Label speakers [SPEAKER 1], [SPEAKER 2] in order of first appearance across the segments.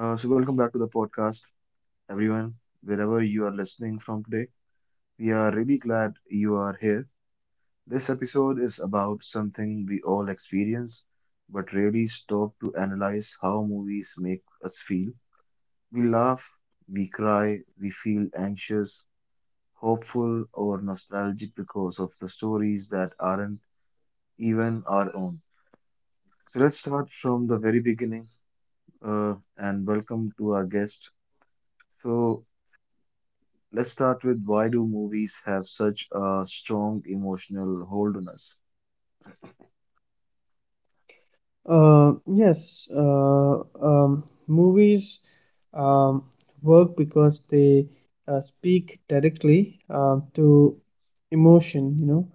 [SPEAKER 1] Welcome back to the podcast, everyone, wherever you are listening from today. We are really glad you are here. This episode is about something we all experience, but rarely stop to analyze how movies make us feel. We laugh, we cry, we feel anxious, hopeful, or nostalgic because of the stories that aren't even our own. So, let's start from the very beginning and welcome to our guest. So, let's start with, why do movies have such a strong emotional hold on us?
[SPEAKER 2] Yes, Movies um, work because they speak directly to emotion, you know,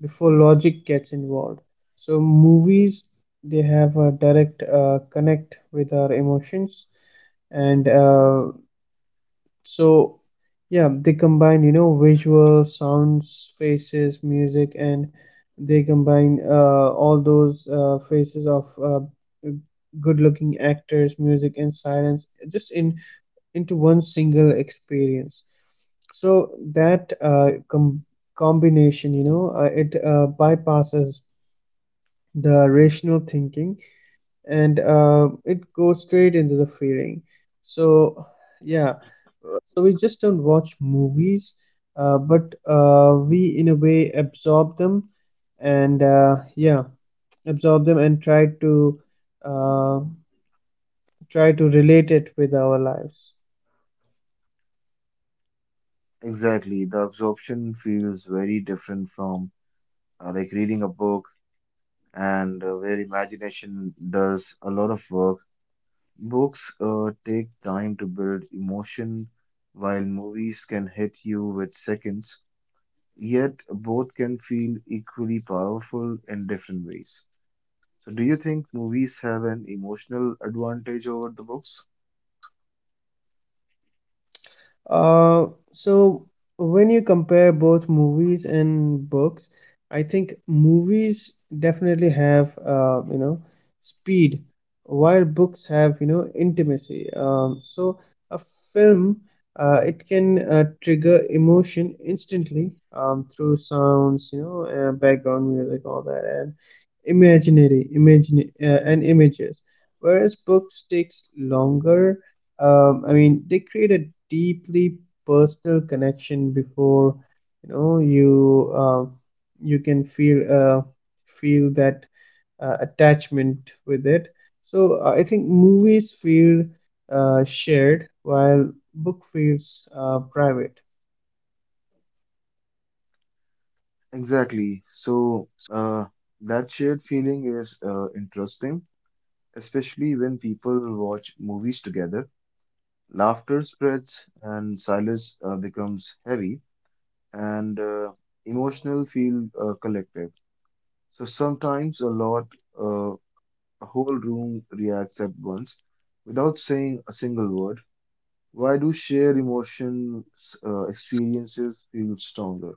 [SPEAKER 2] before logic gets involved. So movies, they have a direct connect with our emotions, and so yeah, they combine, you know, visual sounds, faces, music, and they combine all those faces of good looking actors, music, and silence just in into one single experience. So that combination, you know, it bypasses the rational thinking, and it goes straight into the feeling. So, yeah, so we just don't watch movies, but we in a way absorb them, and absorb them and try to uh, try to relate it with our lives.
[SPEAKER 1] Exactly, the absorption feels very different from like reading a book and where imagination does a lot of work. Books take time to build emotion, while movies can hit you with seconds, yet both can feel equally powerful in different ways. So, do you think movies have an emotional advantage over the books?
[SPEAKER 2] Uh, so when you compare both movies and books, I think movies definitely have, you know, speed, while books have, you know, intimacy. So a film, it can trigger emotion instantly through sounds, you know, background music, all that, and imagine and images. Whereas books takes longer. I mean, they create a deeply personal connection before, you know, you you can feel feel that attachment with it. So I think movies feel shared while book feels private.
[SPEAKER 1] Exactly. So, that shared feeling is interesting, especially when people watch movies together. Laughter spreads and silence becomes heavy, and emotional feel collective. So sometimes a lot, uh, a whole room reacts at once without saying a single word. Why do shared emotions, experiences feel stronger?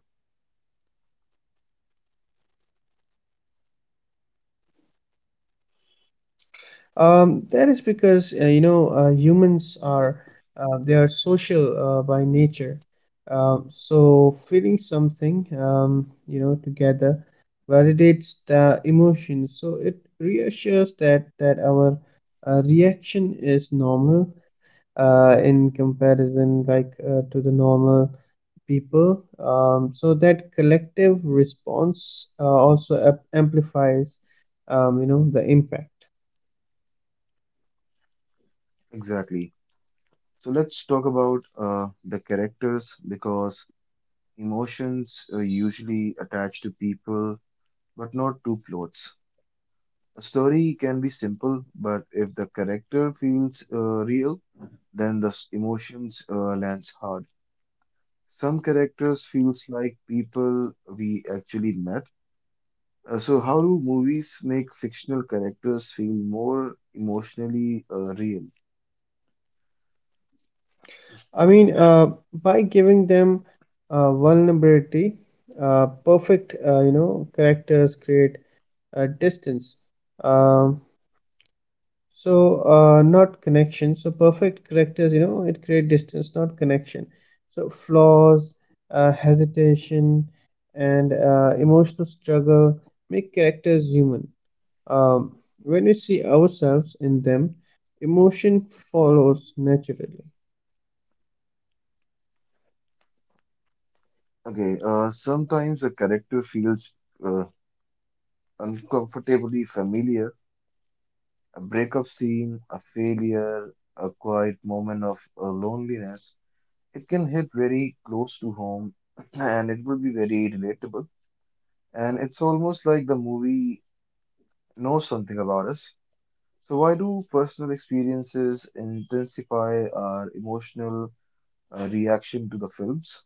[SPEAKER 2] That is because, you know, humans are, they are social by nature. So feeling something, you know, together validates the emotion. So it reassures that our reaction is normal in comparison, like, to the normal people. So that collective response also amplifies, you know, the impact.
[SPEAKER 1] Exactly. So let's talk about the characters because emotions are usually attached to people, but not to plots. A story can be simple, but if the character feels real, then emotions lands hard. Some characters feels like people we actually met. So how do movies make fictional characters feel more emotionally real?
[SPEAKER 2] I mean, by giving them vulnerability, perfect, you know, characters create distance. Um, Not connection. So perfect characters, you know, it create distance, not connection. So flaws, hesitation, and emotional struggle make characters human. Um, when we see ourselves in them, emotion follows naturally.
[SPEAKER 1] Okay, sometimes a character feels uh, uncomfortably familiar. A breakup scene, a failure, a quiet moment of loneliness. It can hit very close to home and it will be very relatable. And it's almost like the movie knows something about us. So, why do personal experiences intensify our emotional reaction to the films?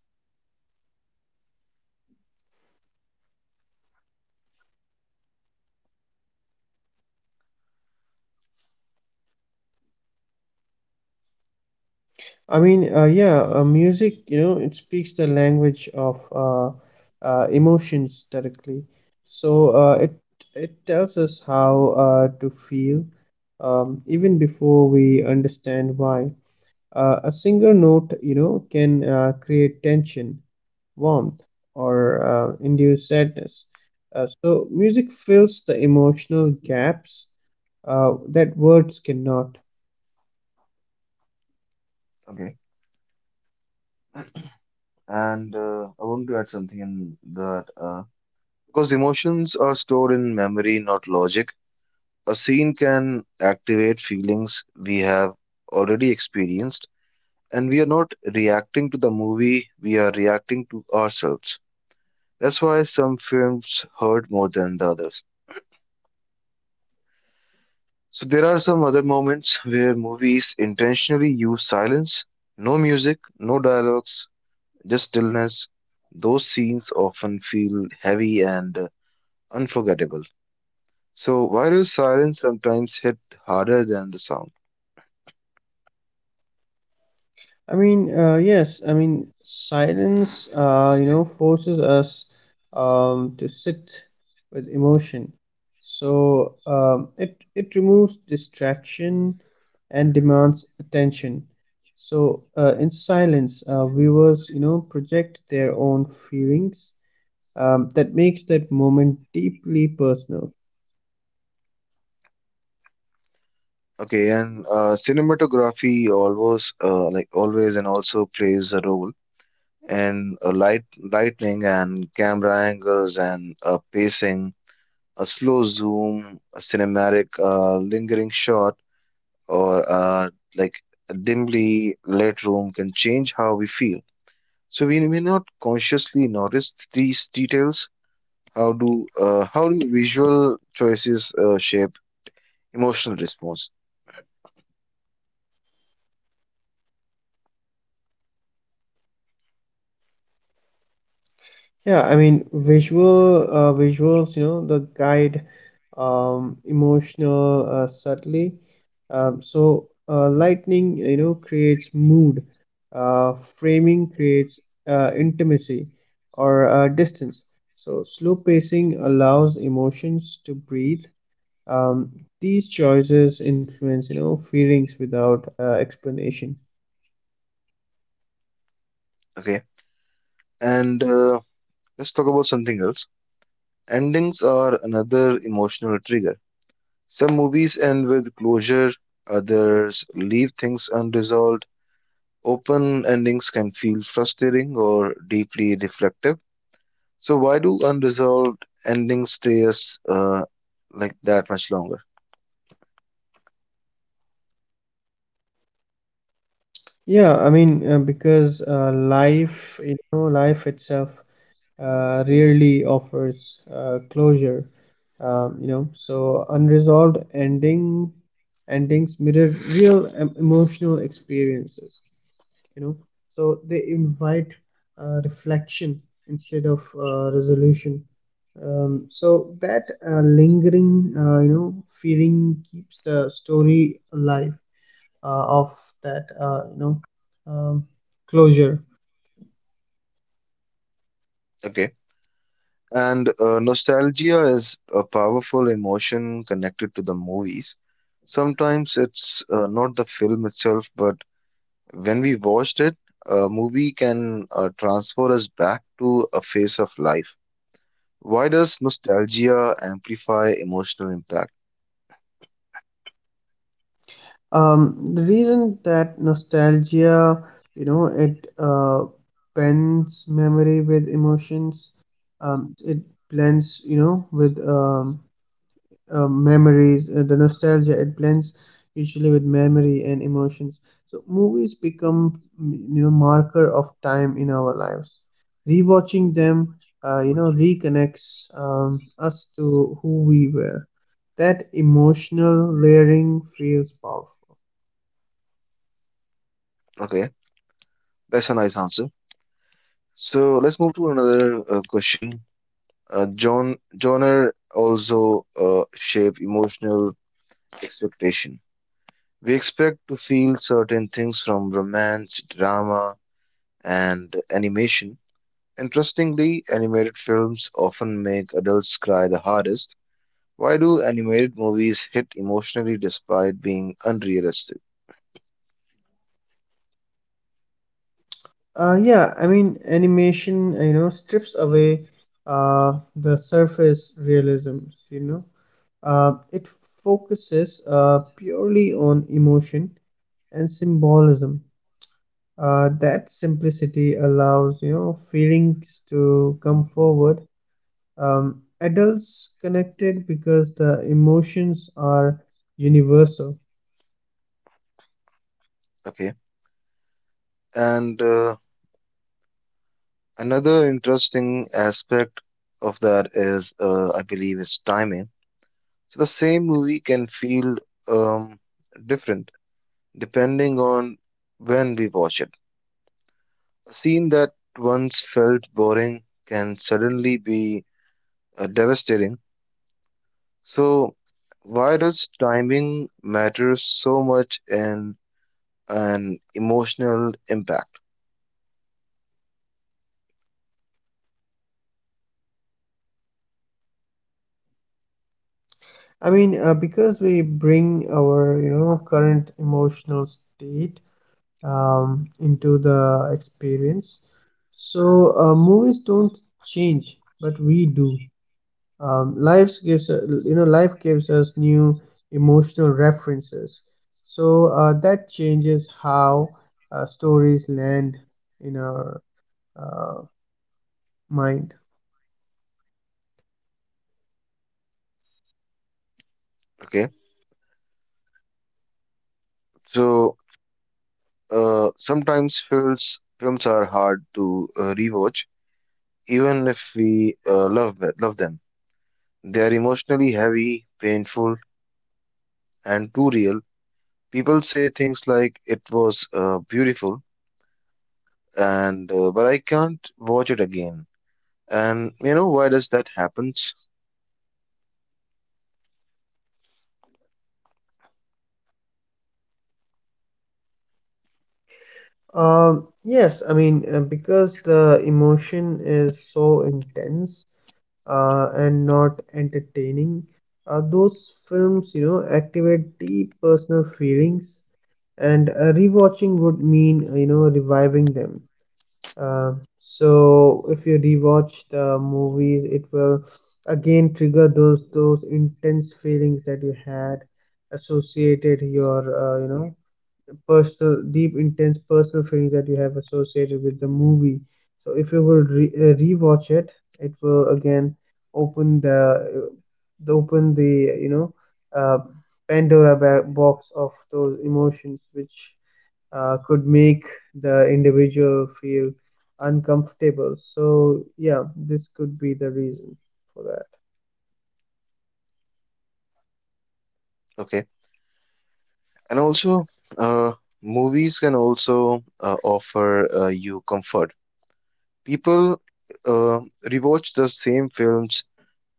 [SPEAKER 2] Music, you know, it speaks the language of, emotions directly. So it tells us how to feel even before we understand why. A single note, you know, can create tension, warmth, or induce sadness. So music fills the emotional gaps that words cannot.
[SPEAKER 1] Okay. And I want to add something in that because emotions are stored in memory, not logic. A scene can activate feelings we have already experienced, and we are not reacting to the movie, we are reacting to ourselves. That's why some films hurt more than the others. So, there are some other moments where movies intentionally use silence, no music, no dialogues, just stillness. Those scenes often feel heavy and unforgettable. So, why does silence sometimes hit harder than the sound?
[SPEAKER 2] Silence, you know, forces us to sit with emotion. So it removes distraction and demands attention. So in silence, viewers, you know, project their own feelings that makes that moment deeply personal.
[SPEAKER 1] Okay, and cinematography always, always and also plays a role and lightning and camera angles and pacing, a slow zoom, a cinematic lingering shot, or a dimly lit room can change how we feel. So we may not consciously notice these details. How do visual choices shape emotional response?
[SPEAKER 2] Yeah, I mean visuals, you know, the guide emotional subtly. Lightning, you know, creates mood. Framing creates intimacy or distance. So slow pacing allows emotions to breathe. Um, these choices influence, you know, feelings without explanation.
[SPEAKER 1] Okay, and let's talk about something else. Endings are another emotional trigger. Some movies end with closure, others leave things unresolved. Open endings can feel frustrating or deeply reflective. So, why do unresolved endings stay us, that much longer?
[SPEAKER 2] Yeah, I mean, because life, you know, life itself rarely offers closure. You know, so unresolved ending endings mirror real emotional experiences. You know, so they invite reflection instead of resolution. So that lingering, you know, feeling keeps the story alive of that, you know, um, closure.
[SPEAKER 1] Okay. And nostalgia is a powerful emotion connected to the movies. Sometimes it's not the film itself, but when we watched it, a movie can transfer us back to a phase of life. Why does nostalgia amplify emotional impact?
[SPEAKER 2] The reason that nostalgia, you know, it blends memory with emotions. It blends, you know, with, memories. The nostalgia, it blends usually with memory and emotions. So movies become, you know, marker of time in our lives. Rewatching them, you know, reconnects us to who we were. That emotional layering feels powerful.
[SPEAKER 1] Okay, that's a nice answer. So let's move to another question. John, genre also shape emotional expectation. We expect to feel certain things from romance, drama, and animation. Interestingly, animated films often make adults cry the hardest. Why do animated movies hit emotionally despite being unrealistic?
[SPEAKER 2] Yeah, I mean, animation, you know, strips away the surface realism, you know. It focuses purely on emotion and symbolism. That simplicity allows, you know, feelings to come forward. Adults connected because the emotions are universal.
[SPEAKER 1] Okay. And another interesting aspect of that is, I believe, is timing. So the same movie can feel um, different depending on when we watch it. A scene that once felt boring can suddenly be devastating. So, why does timing matter so much in an emotional impact?
[SPEAKER 2] I mean, because we bring our, you know, current emotional state into the experience. So movies don't change, but we do. Life gives You know, life gives us new emotional references. So that changes how stories land in our uh, mind.
[SPEAKER 1] Okay, so sometimes films are hard to rewatch, even if we love them. They are emotionally heavy, painful, and too real. People say things like "it was beautiful," and but I can't watch it again. And you know why does that happens?
[SPEAKER 2] Yes, I mean, because the emotion is so intense and not entertaining. Those films, you know, activate deep personal feelings, and rewatching would mean, you know, reviving them. So if you rewatch the movies, it will again trigger those intense feelings that you had associated your, you know, personal, deep, intense personal feelings that you have associated with the movie. So if you will rewatch it, it will again open the, uh, open the, you know, uh, Pandora box of those emotions, which could make the individual feel uncomfortable. So yeah, this could be the reason for that.
[SPEAKER 1] Okay, and also uh, movies can also offer you comfort. People uh, rewatch the same films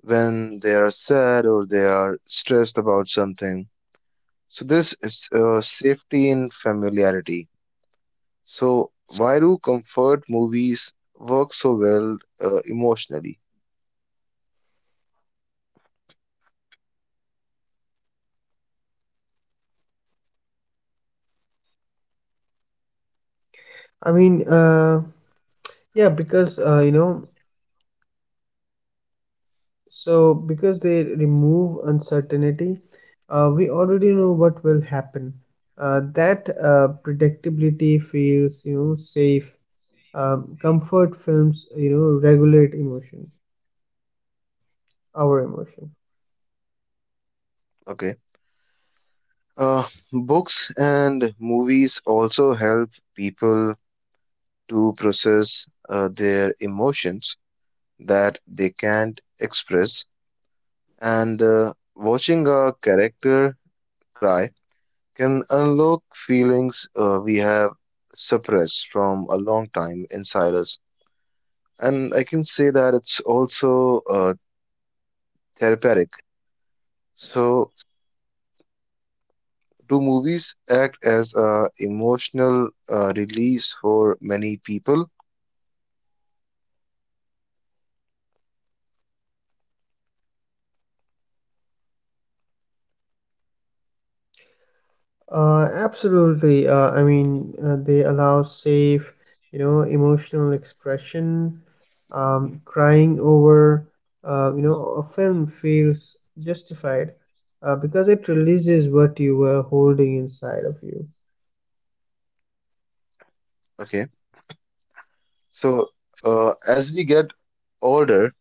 [SPEAKER 1] when they are sad or they are stressed about something. So, this is safety in familiarity. So, why do comfort movies work so well emotionally?
[SPEAKER 2] I mean, yeah, because you know So, because they remove uncertainty, we already know what will happen. That predictability feels, you know, safe. Comfort films, you know, regulate emotion, our emotion.
[SPEAKER 1] Okay. Uh, books and movies also help people to process their emotions that they can't express. And watching a character cry can unlock feelings we have suppressed from a long time inside us. And I can say that it's also therapeutic. So, do movies act as a emotional release for many people?
[SPEAKER 2] Absolutely. I mean, they allow safe, you know, emotional expression. Crying over, you know, a film feels justified because it releases what you were holding inside of you.
[SPEAKER 1] Okay. So, as we get older,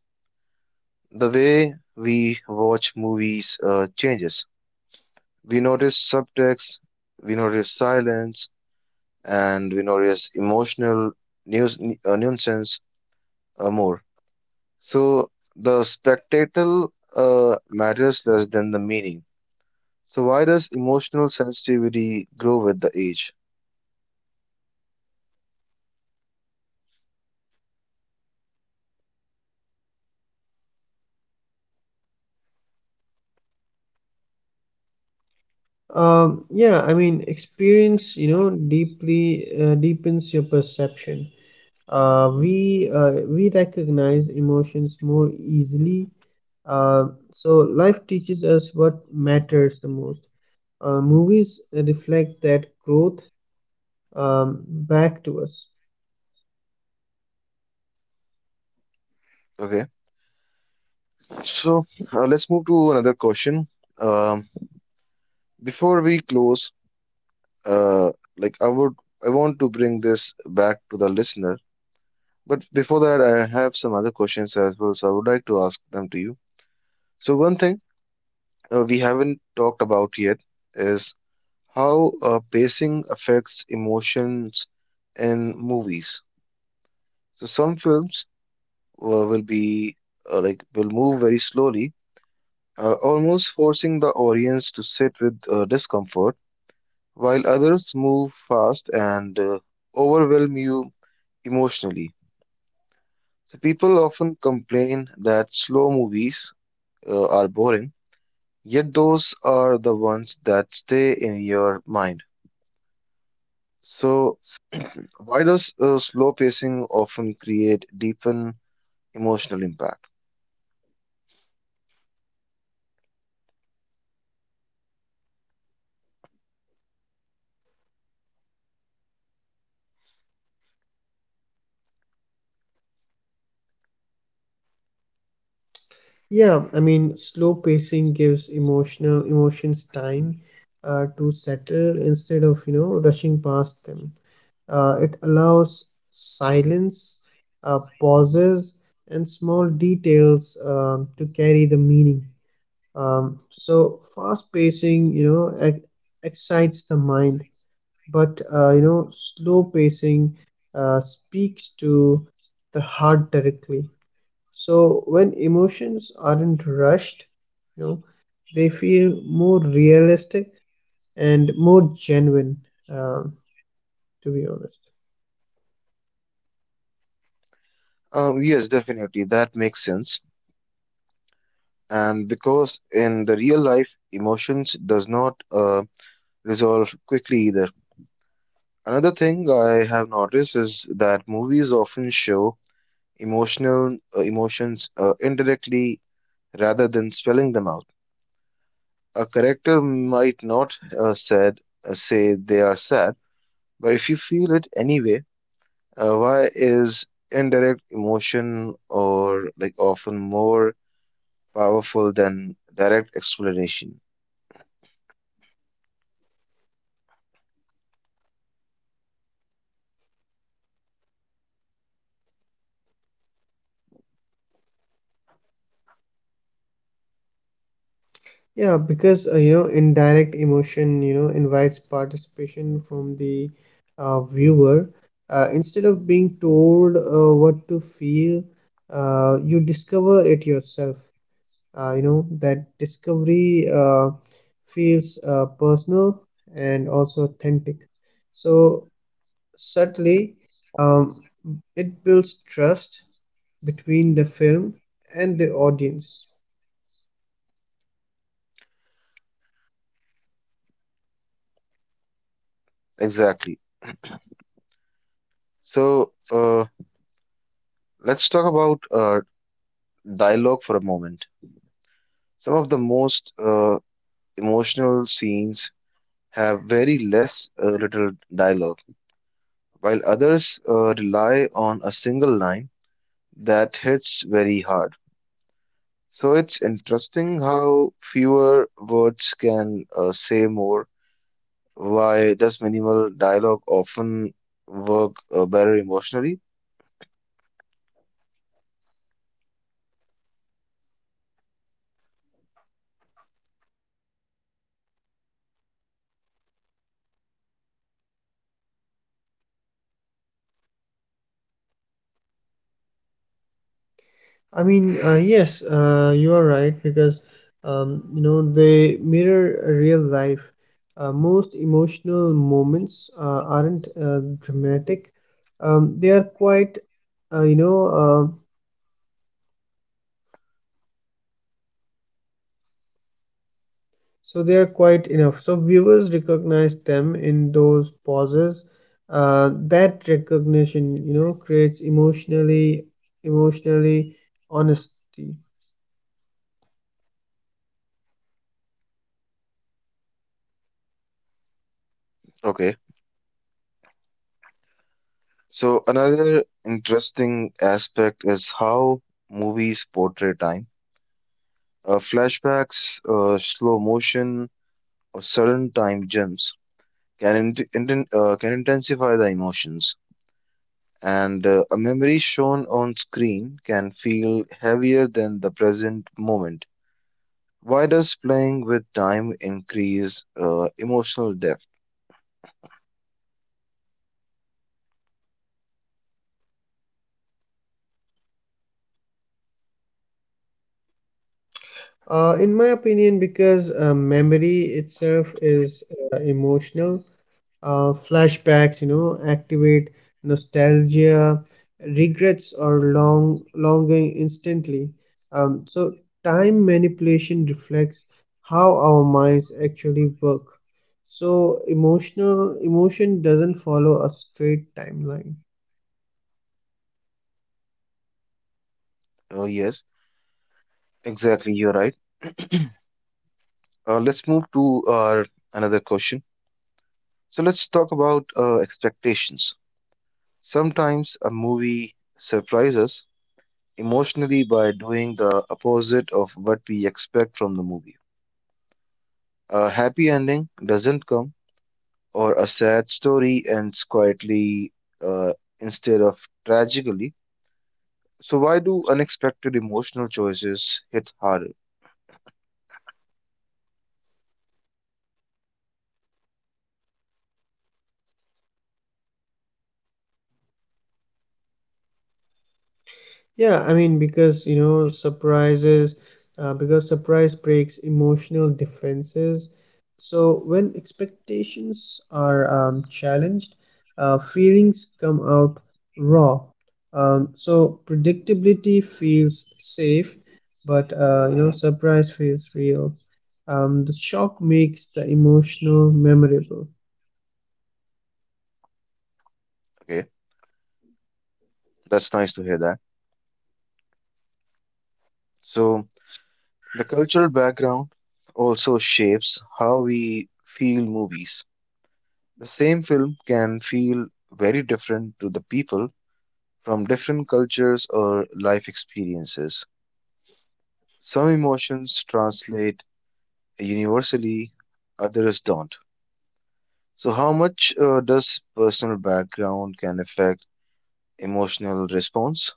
[SPEAKER 1] the way we watch movies changes. We notice subtext, we notice silence, and we notice emotional news, nuisance more. So the spectacle matters less than the meaning. So why does emotional sensitivity grow with the age?
[SPEAKER 2] Yeah, I mean, experience, you know, deeply deepens your perception. We recognize emotions more easily. So life teaches us what matters the most. Movies reflect that growth back to us.
[SPEAKER 1] Okay, so let's move to another question. Um, Before we close, uh, like I would, I want to bring this back to the listener. But before that, I have some other questions as well, so I would like to ask them to you. So one thing we haven't talked about yet is how pacing affects emotions in movies. So some films will be like will move very slowly, almost forcing the audience to sit with discomfort, while others move fast and overwhelm you emotionally. So people often complain that slow movies are boring, yet those are the ones that stay in your mind. So, why does slow pacing often create deepen emotional impact?
[SPEAKER 2] Yeah, I mean, slow pacing gives emotional emotions time to settle instead of, you know, rushing past them. It allows silence, pauses, and small details to carry the meaning. So fast pacing, you know, excites the mind, but, you know, slow pacing speaks to the heart directly. So when emotions aren't rushed, you know, they feel more realistic and more genuine, uh, to be honest.
[SPEAKER 1] Yes, definitely, that makes sense. And because in the real life, emotions does not resolve quickly either. Another thing I have noticed is that movies often show emotional emotions indirectly rather than spelling them out. A character might not said say they are sad, but if you feel it anyway, why is indirect emotion or like often more powerful than direct explanation?
[SPEAKER 2] Yeah, because, you know, indirect emotion, you know, invites participation from the viewer instead of being told what to feel. Uh, You discover it yourself you know, that discovery feels personal and also authentic. So subtly, um, it builds trust between the film and the audience.
[SPEAKER 1] Exactly. So let's talk about dialogue for a moment. Some of the most emotional scenes have very less little dialogue, while others rely on a single line that hits very hard. So it's interesting how fewer words can say more. Why does minimal dialogue often work better emotionally?
[SPEAKER 2] You are right because, you know, they mirror real life. Uh, most emotional moments aren't dramatic. They are quite, you know, they are quite enough, so viewers recognize them in those pauses. That recognition, you know, creates emotionally honesty.
[SPEAKER 1] Okay. So another interesting aspect is how movies portray time. Flashbacks, slow motion, or sudden time jumps can intensify the emotions. And a memory shown on screen can feel heavier than the present moment. Why does playing with time increase emotional depth?
[SPEAKER 2] In my opinion, because memory itself is emotional. Uh, flashbacks, you know, activate nostalgia, regrets, or longing instantly. So time manipulation reflects how our minds actually work, so emotion doesn't follow a straight timeline.
[SPEAKER 1] Yes, exactly. You're right. Let's move to our another question. So let's talk about expectations. Sometimes a movie surprises us emotionally by doing the opposite of what we expect from the movie. A happy ending doesn't come, or a sad story ends quietly uh, instead of tragically. So why do unexpected emotional choices hit harder?
[SPEAKER 2] Yeah, I mean, because, surprise breaks emotional defenses. So when expectations are challenged, feelings come out raw. So predictability feels safe, but, you know, surprise feels real. The shock makes the emotional memorable.
[SPEAKER 1] Okay. That's nice to hear that. So, the cultural background also shapes how we feel movies. The same film can feel very different to the people from different cultures or life experiences. Some emotions translate universally, others don't. So, how much does personal background can affect emotional response?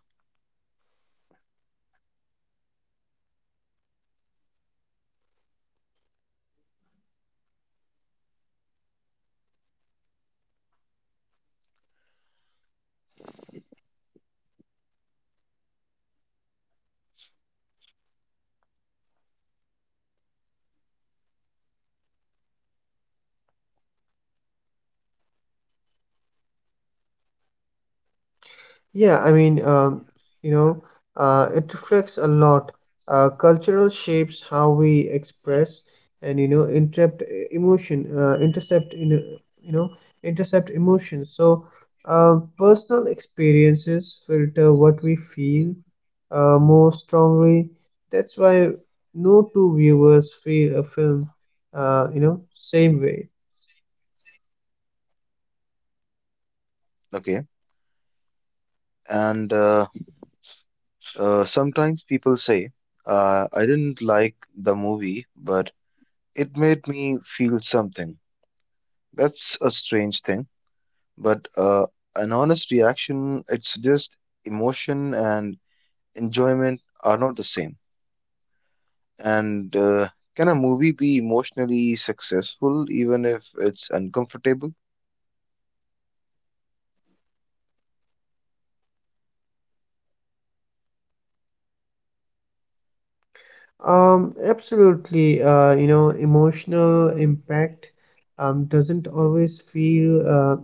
[SPEAKER 2] Yeah, I mean, you know, it reflects a lot. Cultural shapes how we express and, you know, interrupt emotion, intercept in you know intercept emotions. So personal experiences filter what we feel more strongly. That's why no two viewers feel a film, you know, same way.
[SPEAKER 1] Okay, and sometimes people say, I didn't like the movie, but it made me feel something. That's a strange thing, but an honest reaction, it's just emotion and enjoyment are not the same. And can a movie be emotionally successful even if it's uncomfortable?
[SPEAKER 2] Absolutely. You know, emotional impact doesn't always feel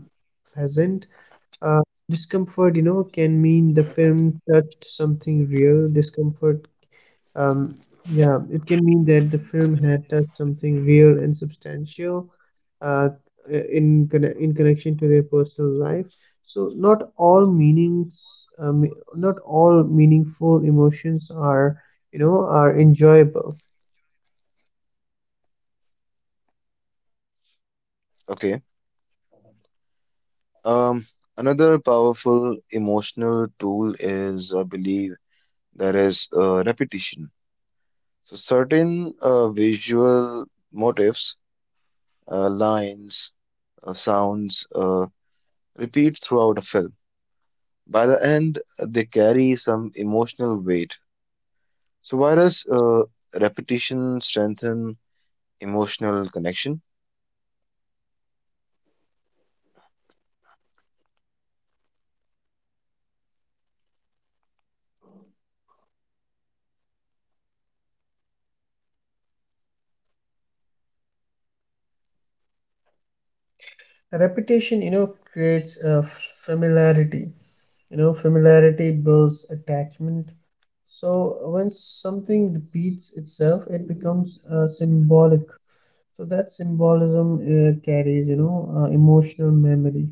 [SPEAKER 2] pleasant. Uh, discomfort, you know, can mean the film touched something real. Um, yeah, it can mean that the film had touched something real and substantial uh, in connection to their personal life. So not all meaningful emotions are, you know, are enjoyable.
[SPEAKER 1] Okay. Um, another powerful emotional tool is, I believe, that is repetition. So certain visual motifs, lines, sounds repeat throughout a film. By the end, they carry some emotional weight. So why does repetition strengthen emotional connection?
[SPEAKER 2] Repetition creates a familiarity. You know, familiarity builds attachment. So when something repeats itself, it becomes symbolic. So that symbolism carries, emotional memory.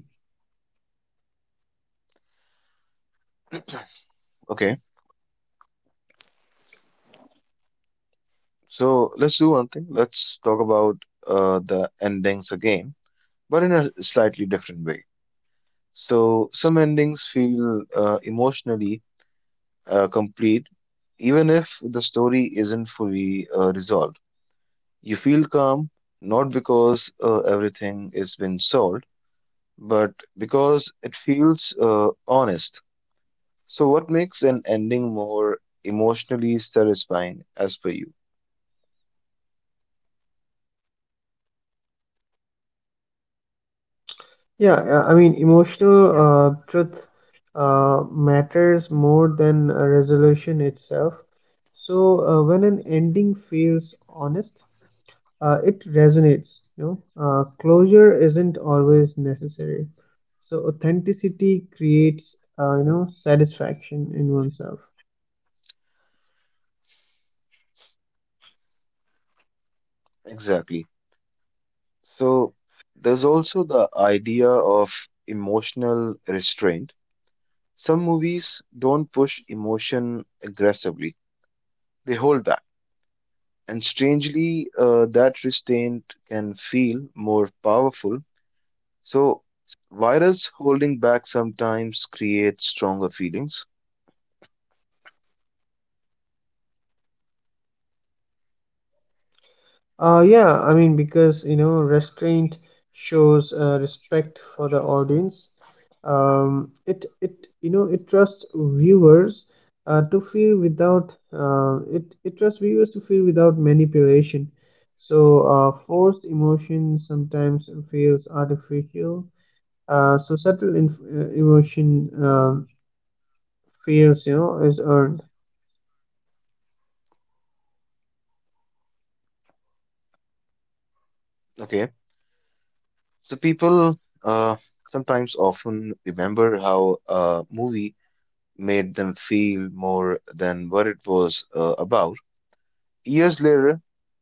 [SPEAKER 1] Okay, so let's do one thing. Let's talk about the endings again, but in a slightly different way. So some endings feel emotionally complete, even if the story isn't fully resolved. You feel calm not because everything has been solved, but because it feels honest. So, what makes an ending more emotionally satisfying as per you?
[SPEAKER 2] Yeah I mean, emotional truth matters more than resolution itself. So when an ending feels honest, it resonates, you know. Closure isn't always necessary, so authenticity creates satisfaction in oneself.
[SPEAKER 1] Exactly. So, there's also the idea of emotional restraint. Some movies don't push emotion aggressively, they hold back. And strangely, that restraint can feel more powerful. So, virus holding back sometimes creates stronger feelings.
[SPEAKER 2] Yeah, I mean, because you know, restraint shows respect for the audience. It you know, it trusts viewers to feel without it trusts viewers to feel without manipulation. So forced emotion sometimes feels artificial. So subtle emotion feels, you know, is earned.
[SPEAKER 1] Okay. So, people uh, sometimes often remember how a movie made them feel more than what it was about. Years later,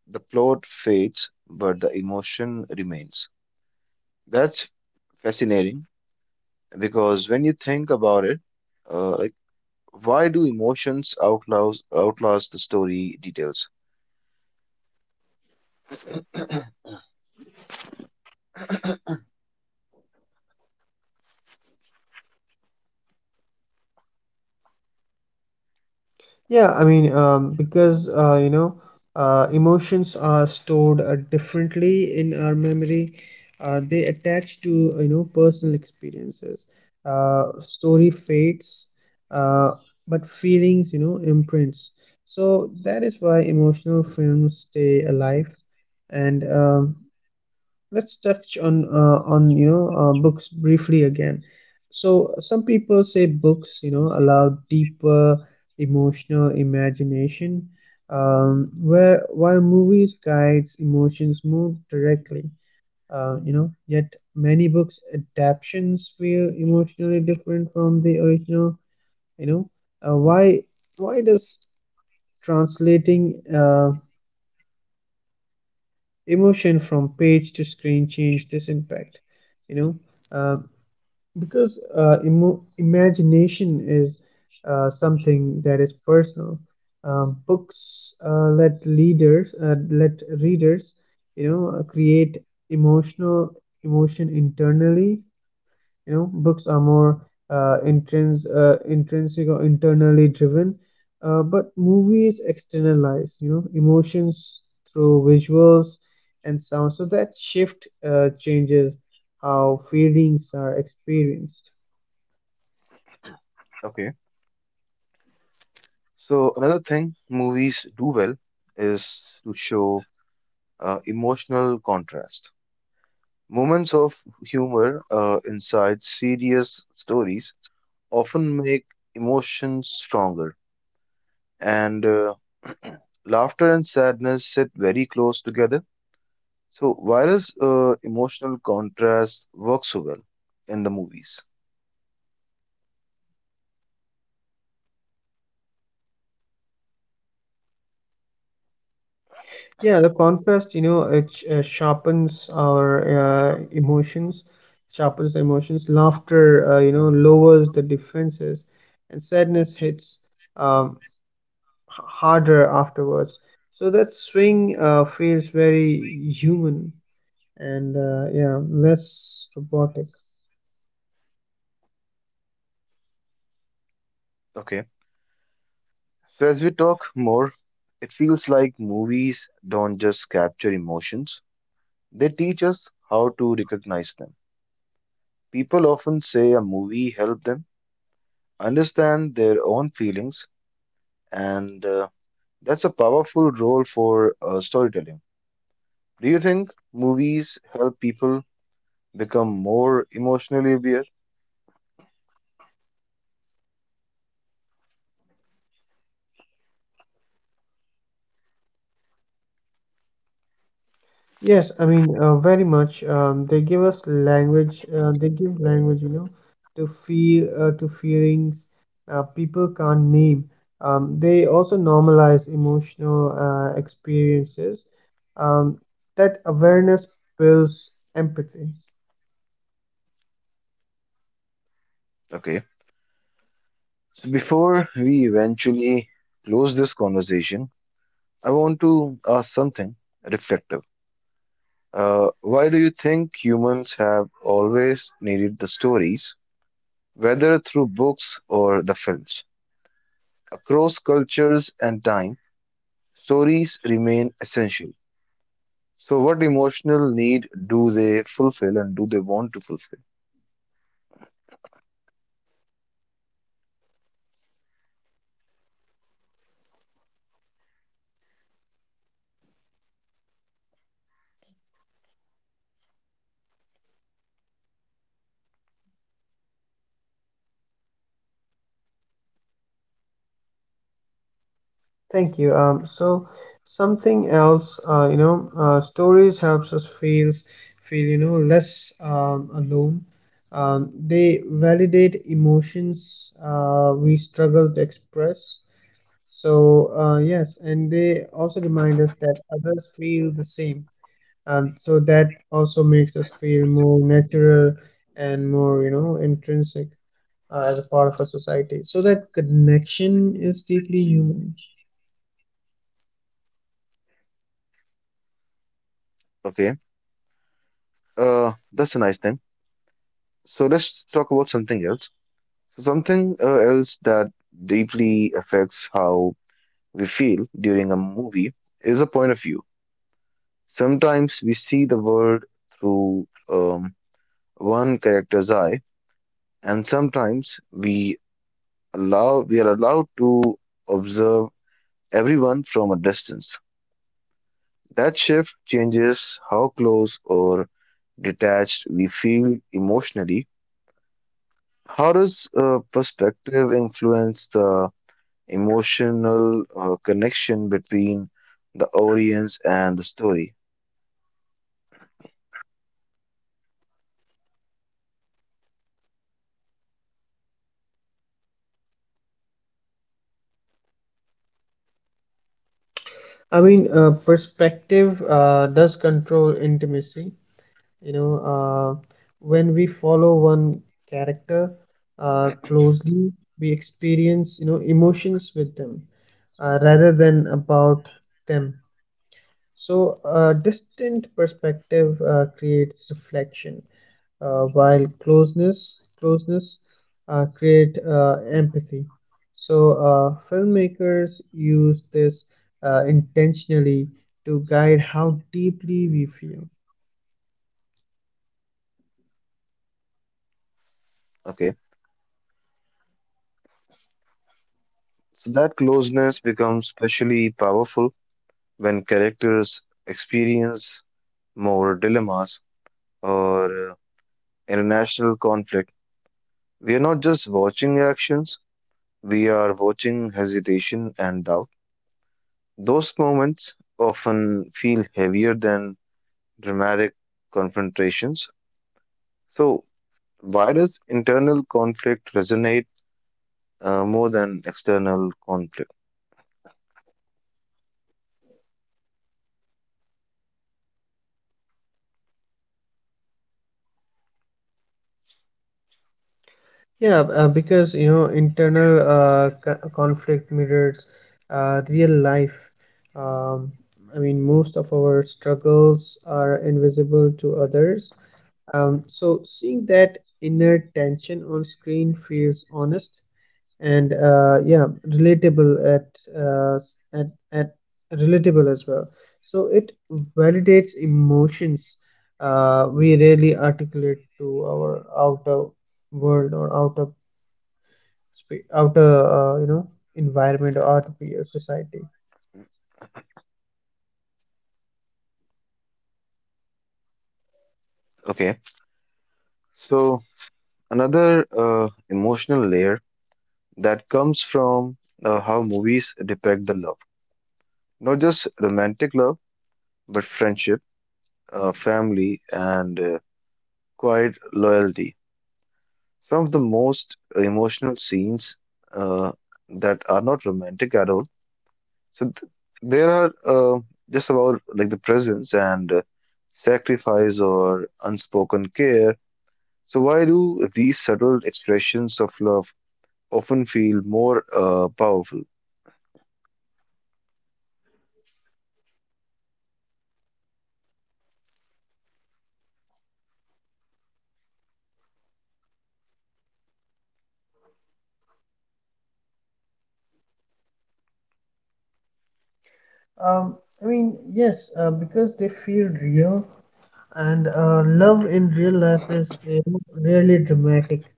[SPEAKER 1] the plot fades, but the emotion remains. That's fascinating. Because when you think about it, uh, like why do emotions outlast the story details?
[SPEAKER 2] Because you know, emotions are stored differently in our memory. They attach to you know, personal experiences. Story fades, uh, but feelings, you know, imprints. So that is why emotional films stay alive. And Let's touch on you know, books briefly again. So some people say books, you know, allow deeper emotional imagination, where while movies guides emotions more directly. You know, yet many books adaptations feel emotionally different from the original, you know. uh, why why does translating emotion from page to screen change this impact, you know? uh, because imagination is something that is personal. Books let readers, you know, create emotional emotion internally. You know, books are more intrinsic or internally driven, but movies externalize, you know, emotions through visuals and sound. So that shift changes how feelings are experienced.
[SPEAKER 1] Okay. So another thing movies do well is to show emotional contrast. Moments of humor inside serious stories often make emotions stronger, and laughter and sadness sit very close together. So why does emotional contrast work so well in the movies?
[SPEAKER 2] Yeah, the contrast, you know, it sharpens the emotions. Laughter, you know, lowers the defenses, and sadness hits um, harder afterwards. So that swing feels very human and yeah, less robotic.
[SPEAKER 1] Okay. So as we talk more, it feels like movies don't just capture emotions, they teach us how to recognize them. People often say a movie helped them understand their own feelings, and that's a powerful role for storytelling. Do you think movies help people become more emotionally aware?
[SPEAKER 2] Yes, I mean, very much. They give us language. They give language, you know, to feelings people can't name. They also normalize emotional experiences. Um, that awareness builds empathy.
[SPEAKER 1] Okay. So before we eventually close this conversation, I want to ask something reflective. Why do you think humans have always needed the stories, whether through books or the films? Across cultures and time, stories remain essential. So, what emotional need do they fulfill and do they want to fulfill?
[SPEAKER 2] Thank you. So something else, you know, stories helps us feel, you know, less alone. They validate emotions we struggle to express. So yes, and they also remind us that others feel the same. So that also makes us feel more natural and more, you know, intrinsic as a part of our society. So that connection is deeply human.
[SPEAKER 1] Okay, that's a nice thing. So, let's talk about something else. So, something else that deeply affects how we feel during a movie is a point of view. Sometimes we see the world through one character's eye, and sometimes we allow we are allowed to observe everyone from a distance. That shift changes how close or detached we feel emotionally. How does perspective influence the emotional connection between the audience and the story?
[SPEAKER 2] I mean, perspective does control intimacy. You know, uh, when we follow one character closely, we experience, you know, emotions with them rather than about them. So a distant perspective creates reflection, while closeness create empathy. So filmmakers use this intentionally to guide how deeply we feel.
[SPEAKER 1] Okay. So that closeness becomes especially powerful when characters experience more dilemmas or international conflict. We are not just watching actions, we are watching hesitation and doubt. Those moments often feel heavier than dramatic confrontations. So, why does internal conflict resonate more than external conflict?
[SPEAKER 2] Yeah, because you know, internal conflict mirrors real life. Um, I mean, most of our struggles are invisible to others. So seeing that inner tension on screen feels honest and yeah, relatable at relatable as well. So it validates emotions we rarely articulate to our outer world, or outer you know, environment, or outer peer society.
[SPEAKER 1] Okay. So another emotional layer that comes from how movies depict the love, not just romantic love, but friendship, family, and quiet loyalty. Some of the most emotional scenes uh, that are not romantic at all. So th- there are just about like the presence and sacrifice or unspoken care. So why do these subtle expressions of love often feel more powerful.
[SPEAKER 2] Um, I mean, yes, because they feel real and love in real life is you know, really dramatic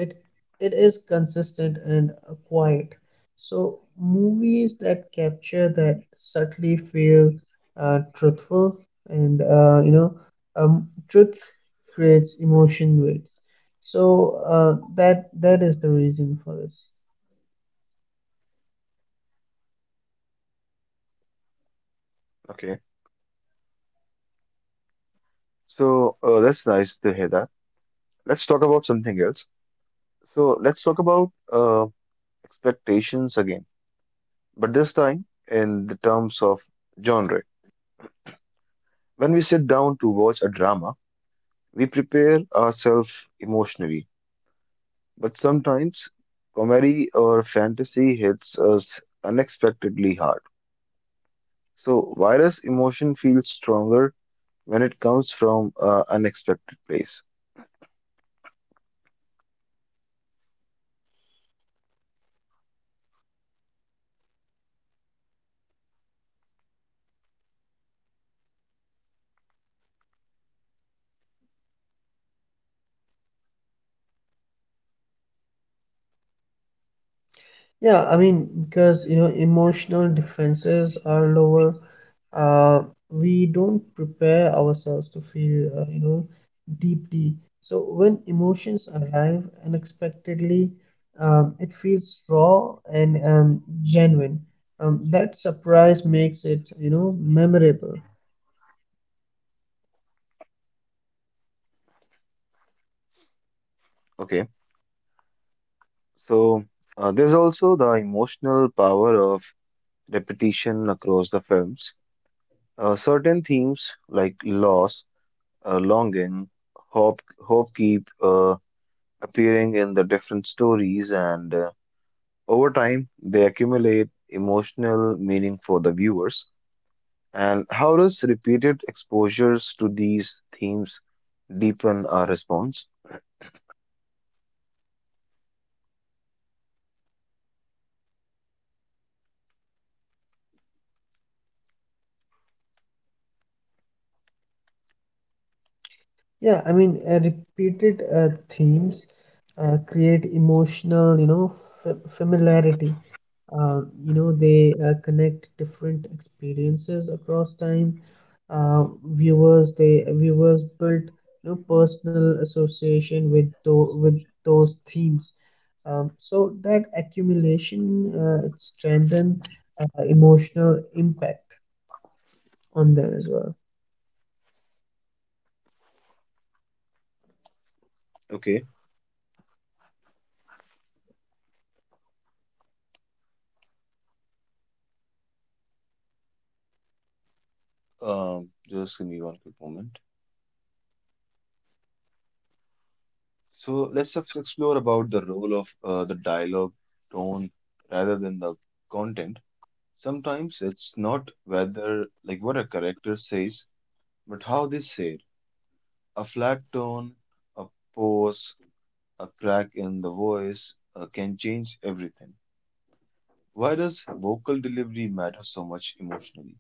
[SPEAKER 2] it it is consistent and quiet so movies that capture that subtly feel truthful and you know truth creates emotion weights so that that is the reason for this
[SPEAKER 1] Okay. So that's nice to hear that. Let's talk about something else. So let's talk about expectations again, but this time in the terms of genre. When we sit down to watch a drama, we prepare ourselves emotionally, but sometimes comedy or fantasy hits us unexpectedly hard. So why does emotion feel stronger when it comes from an unexpected place?
[SPEAKER 2] Yeah, I mean, because you know, emotional defenses are lower. Uh, we don't prepare ourselves to feel, you know, deeply. So when emotions arrive unexpectedly, it feels raw and genuine. That surprise makes it, you know, memorable.
[SPEAKER 1] Okay, so there's also the emotional power of repetition across the films. Certain themes like loss, longing, hope, hope keep appearing in the different stories, and over time they accumulate emotional meaning for the viewers. And how does repeated exposures to these themes deepen our response?
[SPEAKER 2] Yeah, I mean, repeated themes create emotional, you know, f- familiarity. You know, they connect different experiences across time. Viewers, they viewers build, you know, personal association with tho- with those themes. So that accumulation it strengthen emotional impact on them as well.
[SPEAKER 1] Okay, just give me one quick moment. So let's explore about the role of the dialogue tone rather than the content. Sometimes it's not whether like what a character says, but how they say it. A flat tone, a pause, a crack in the voice can change everything. Why does vocal delivery matter so much emotionally?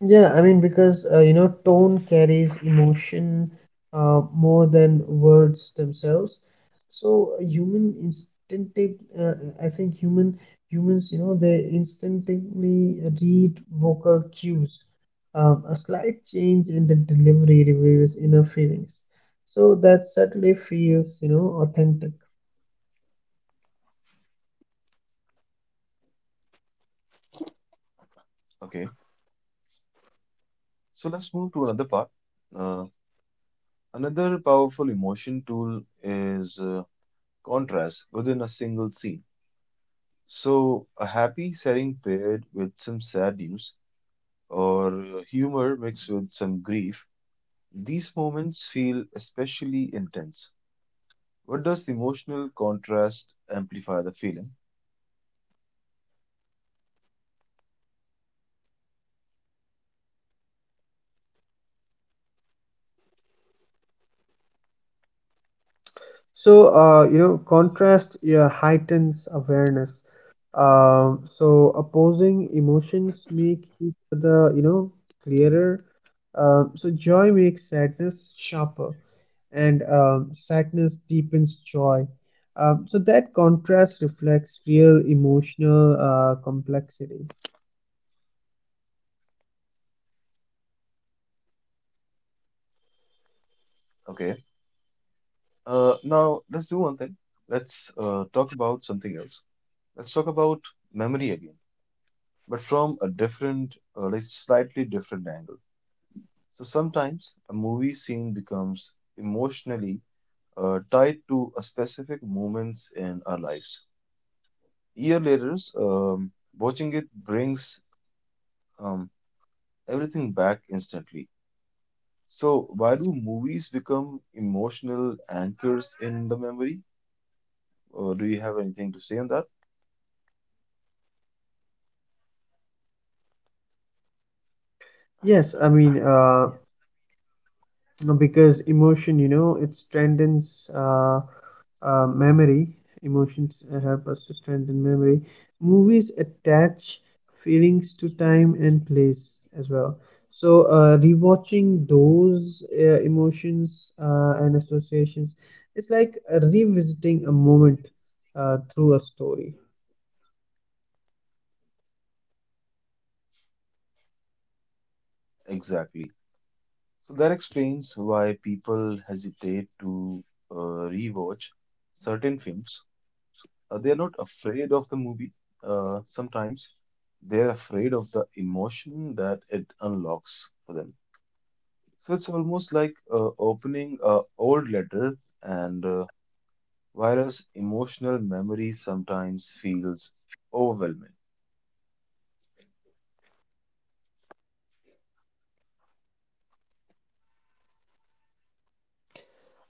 [SPEAKER 2] Yeah, I mean, because you know, tone carries emotion more than words themselves. So human instinctive, uh, I think human humans, you know, they instinctively read vocal cues. A slight change in the delivery reveals inner feelings. So that subtly feels, you know, authentic.
[SPEAKER 1] Okay. So let's move to another part. Uh, another powerful emotion tool is contrast within a single scene. So a happy setting paired with some sad news or humor mixed with some grief, these moments feel especially intense. What does the emotional contrast amplify the feeling?
[SPEAKER 2] So, you know, contrast yeah, heightens awareness. So, opposing emotions make each other, you know, clearer. So, joy makes sadness sharper, and sadness deepens joy. So, that contrast reflects real emotional complexity.
[SPEAKER 1] Okay. Now let's do one thing. Let's talk about something else. Let's talk about memory again, but from a different, like slightly different angle. So sometimes a movie scene becomes emotionally tied to a specific moments in our lives. Year later, watching it brings um, everything back instantly. So why do movies become emotional anchors in the memory? Do you have anything to say on that?
[SPEAKER 2] Yes, I mean, because emotion, you know, it strengthens. Memory emotions help us to strengthen memory movies attach feelings to time and place as well so rewatching those emotions and associations it's like revisiting a moment through a story
[SPEAKER 1] Exactly. So that explains why people hesitate to rewatch certain films they're not afraid of the movie. Sometimes they're afraid of the emotion that it unlocks for them. So it's almost like opening a old letter, and whereas emotional memory sometimes feels overwhelming.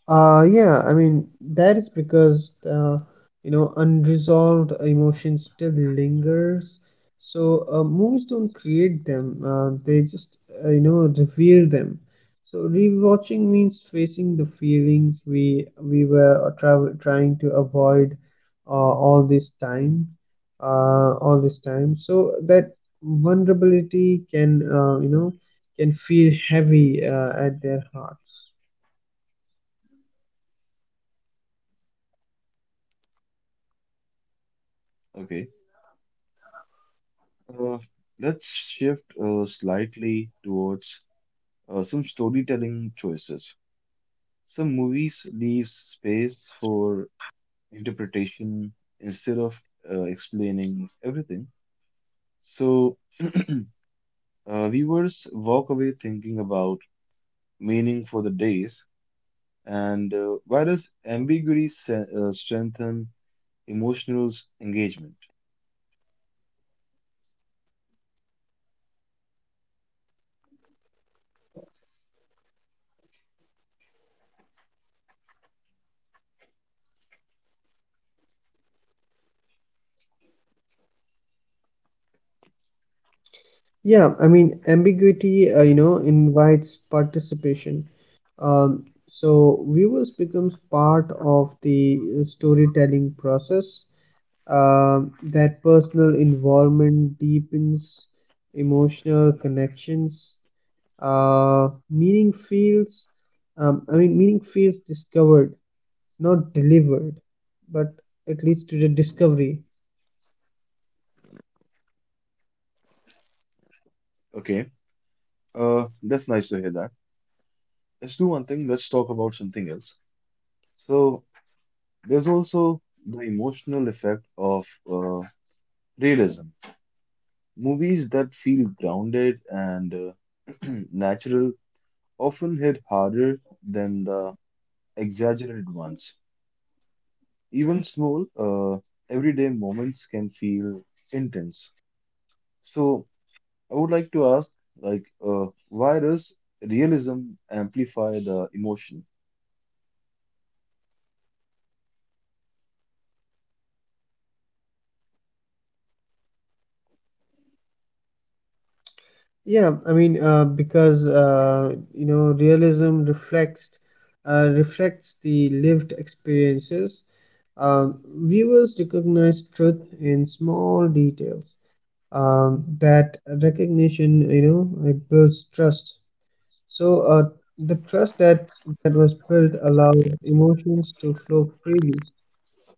[SPEAKER 2] Yeah, I mean, that is because, you know, unresolved emotions still lingers. So, movies don't create them, they just, you know, reveal them. So, rewatching means facing the feelings we were tra- trying to avoid all this time, all this time. So that vulnerability can, you know, can feel heavy at their hearts.
[SPEAKER 1] Okay, uh, let's shift slightly towards some storytelling choices. Some movies leave space for interpretation instead of explaining everything. So, viewers walk away thinking about meaning for the days. And why does ambiguity strengthen emotional engagement?
[SPEAKER 2] Yeah, I mean, ambiguity, you know, invites participation. So viewers becomes part of the storytelling process. That personal involvement deepens emotional connections. Meaning feels, I mean, meaning feels discovered, not delivered, but it leads to the discovery.
[SPEAKER 1] Okay, that's nice to hear that. Let's do one thing, let's talk about something else. So, there's also the emotional effect of realism. Movies that feel grounded and natural often hit harder than the exaggerated ones. Even small, everyday moments can feel intense. So I would like to ask, like, why does realism amplify the emotion?
[SPEAKER 2] Yeah, I mean, because you know, realism reflects reflects the lived experiences. Viewers recognize truth in small details. That recognition, you know, it builds trust. So, the trust that that was built allows emotions to flow freely.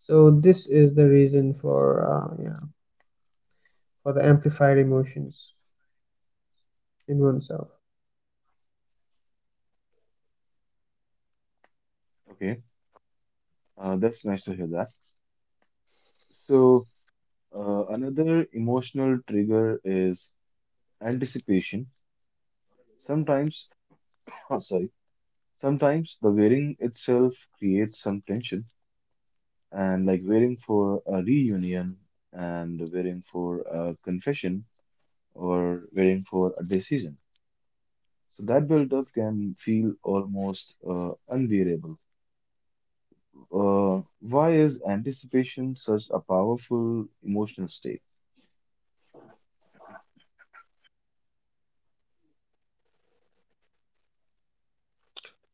[SPEAKER 2] So, this is the reason for yeah, for the amplified emotions in oneself.
[SPEAKER 1] Okay, that's nice to hear that. So another emotional trigger is anticipation. Sometimes, sorry, sometimes the waiting itself creates some tension, and like waiting for a reunion and waiting for a confession or waiting for a decision. So that buildup can feel almost unbearable. Why is anticipation such a powerful emotional state?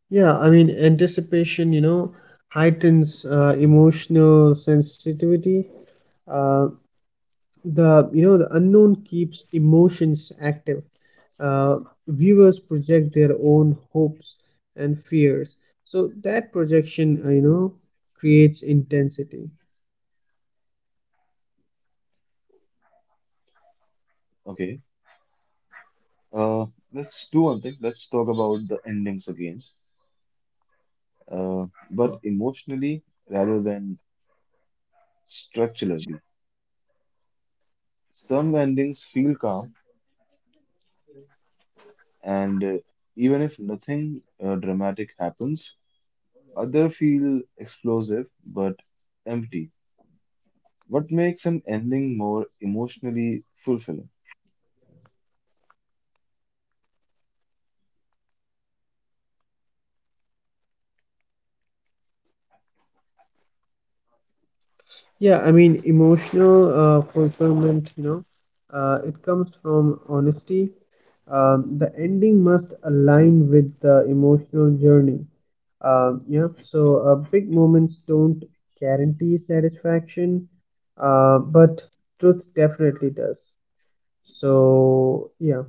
[SPEAKER 2] Yeah, I mean, anticipation, you know, heightens emotional sensitivity. Uh, the, you know, the unknown keeps emotions active. Uh, viewers project their own hopes and fears. So that projection, you know, creates intensity.
[SPEAKER 1] Okay, uh, let's do one thing. Let's talk about the endings again, uh, but emotionally rather than structurally. Some endings feel calm, and even if nothing dramatic happens, other feel explosive but empty. What makes an ending more emotionally fulfilling?
[SPEAKER 2] Yeah, I mean, emotional fulfillment, you know, it comes from honesty. The ending must align with the emotional journey yep. So big moments don't guarantee satisfaction, but truth definitely does. So yeah,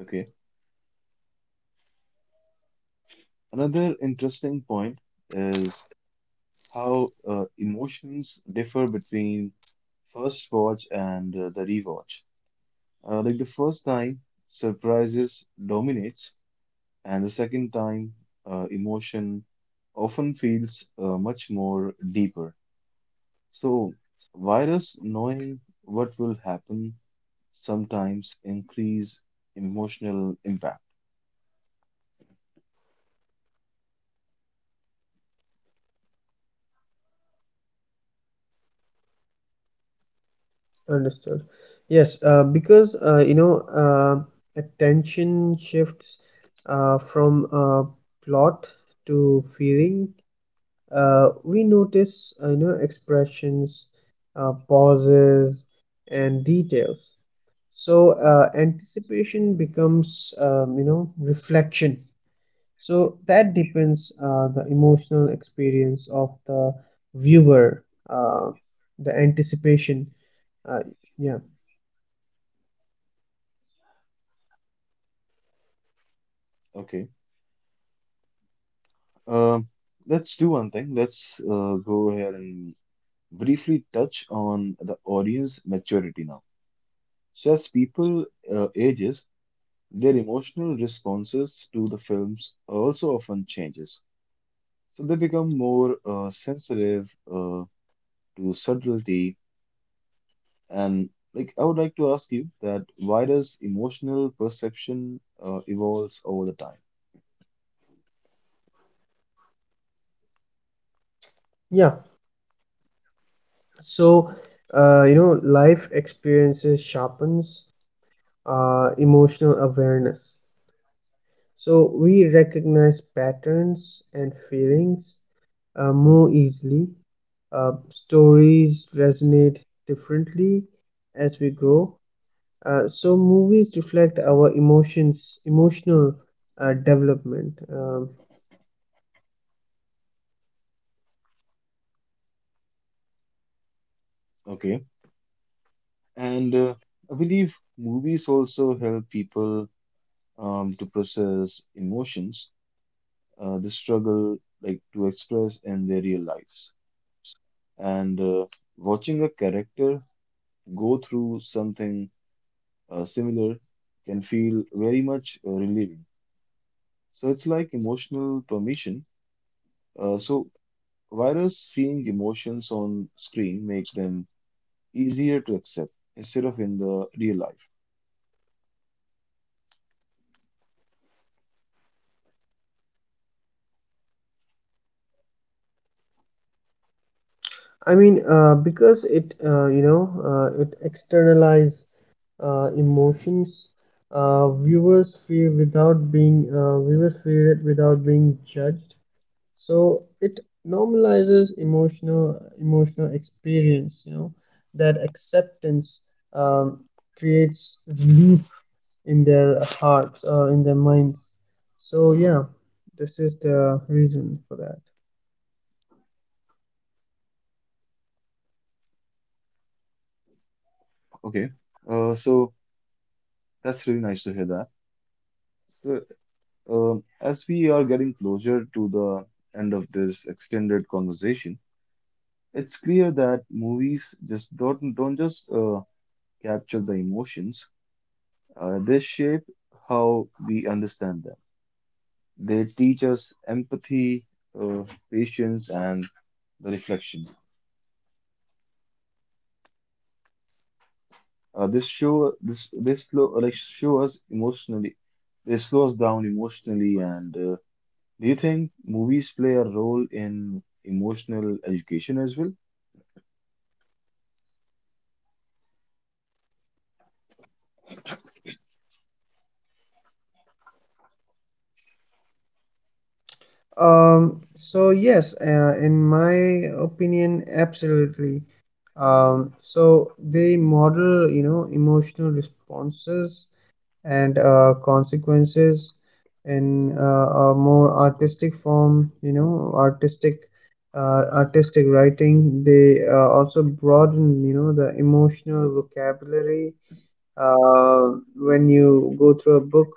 [SPEAKER 1] Okay. Another interesting point is how emotions differ between first watch and the rewatch. Like the first time, surprises dominates, and the second time, emotion often feels much more deeper. So, virus knowing what will happen sometimes increase emotional impact.
[SPEAKER 2] understood. Yes, because you know, attention shifts from plot to feeling. We notice, you know, expressions, pauses, and details. So anticipation becomes you know reflection so that depends the emotional experience of the viewer uh, the anticipation uh, yeah
[SPEAKER 1] Okay, um, let's do one thing. Let's go ahead and briefly touch on the audience maturity now. So, as people ages, their emotional responses to the films also often changes. So they become more sensitive to subtlety. And like, I would like to ask you that why does emotional perception evolves over the time?
[SPEAKER 2] yeah so you know life experiences sharpens emotional awareness so we recognize patterns and feelings more easily stories resonate differently as we grow. So movies reflect our emotions, emotional development.
[SPEAKER 1] Okay, and I believe movies also help people to process emotions the struggle like to express in their real lives and watching a character go through something similar can feel very much relieving, so it's like emotional permission, so why does seeing emotions on screen make them easier to accept instead of in the real life?
[SPEAKER 2] I mean, because it you know it externalizes emotions. Viewers feel without being viewers feel it without being judged. So it normalizes emotional emotional experience you know that acceptance um, creates relief in their hearts or in their minds so yeah this is the reason for that
[SPEAKER 1] Okay, so that's really nice to hear that. So as we are getting closer to the end of this extended conversation, it's clear that movies just don't just capture the emotions. They shape how we understand them. They teach us empathy, uh, patience, and the reflection. This show this this slow like show us emotionally. They slow us down emotionally. And do you think movies play a role in emotional education as well?
[SPEAKER 2] so yes in my opinion absolutely so they model you know emotional responses and consequences in a more artistic form you know artistic artistic writing they also broaden you know the emotional vocabulary when you go through a book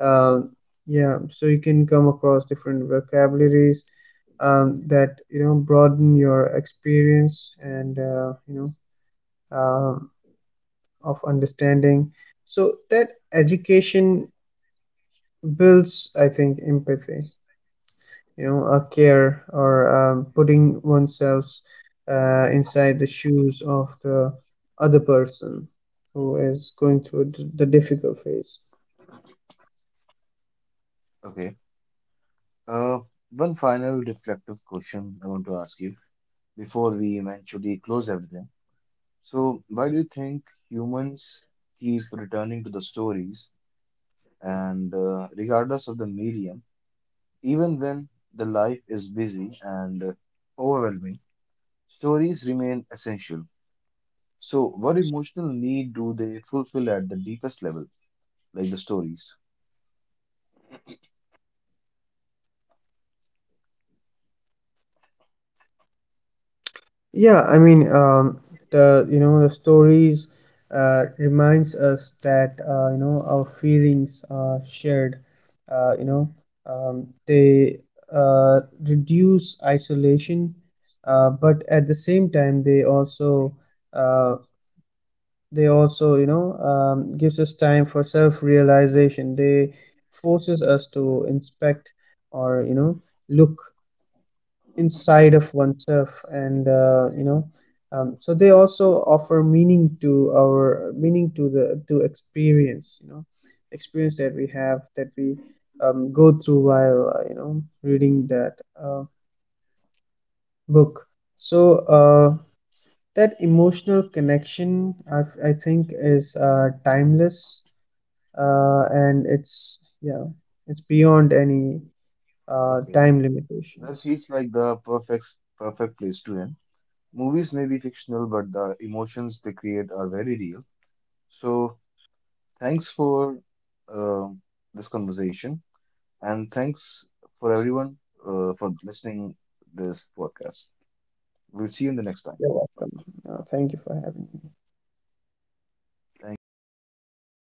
[SPEAKER 2] uh, yeah so you can come across different vocabularies that you know broaden your experience and you know of understanding so that education builds, I think, empathy. You know, a care or putting oneself inside the shoes of the other person who is going through d- the difficult phase.
[SPEAKER 1] Okay. Uh, one final reflective question I want to ask you, before we eventually close everything. So, why do you think humans keep returning to the stories and regardless of the medium, even when the life is busy and overwhelming, stories remain essential. So, what emotional need do they fulfill at the deepest level, like the stories?
[SPEAKER 2] Yeah, I mean, the you know the stories reminds us that you know our feelings are shared. You know, they uh, reduce isolation, but at the same time uh, they also you know gives us time for self-realization they forces us to inspect or you know look inside of oneself and you know so they also offer meaning to our meaning to the to experience you know experience that we have that we go through while you know reading that book so that emotional connection I think is timeless and it's yeah it's beyond any
[SPEAKER 1] Okay,
[SPEAKER 2] time
[SPEAKER 1] that
[SPEAKER 2] limitations
[SPEAKER 1] feels like the perfect place to end. Movies may be fictional, but the emotions they create are very real. So, thanks for uh, this conversation, and thanks for everyone for listening this podcast. We'll see you in the next time.
[SPEAKER 2] you're welcome thank you for having me
[SPEAKER 1] Thank you.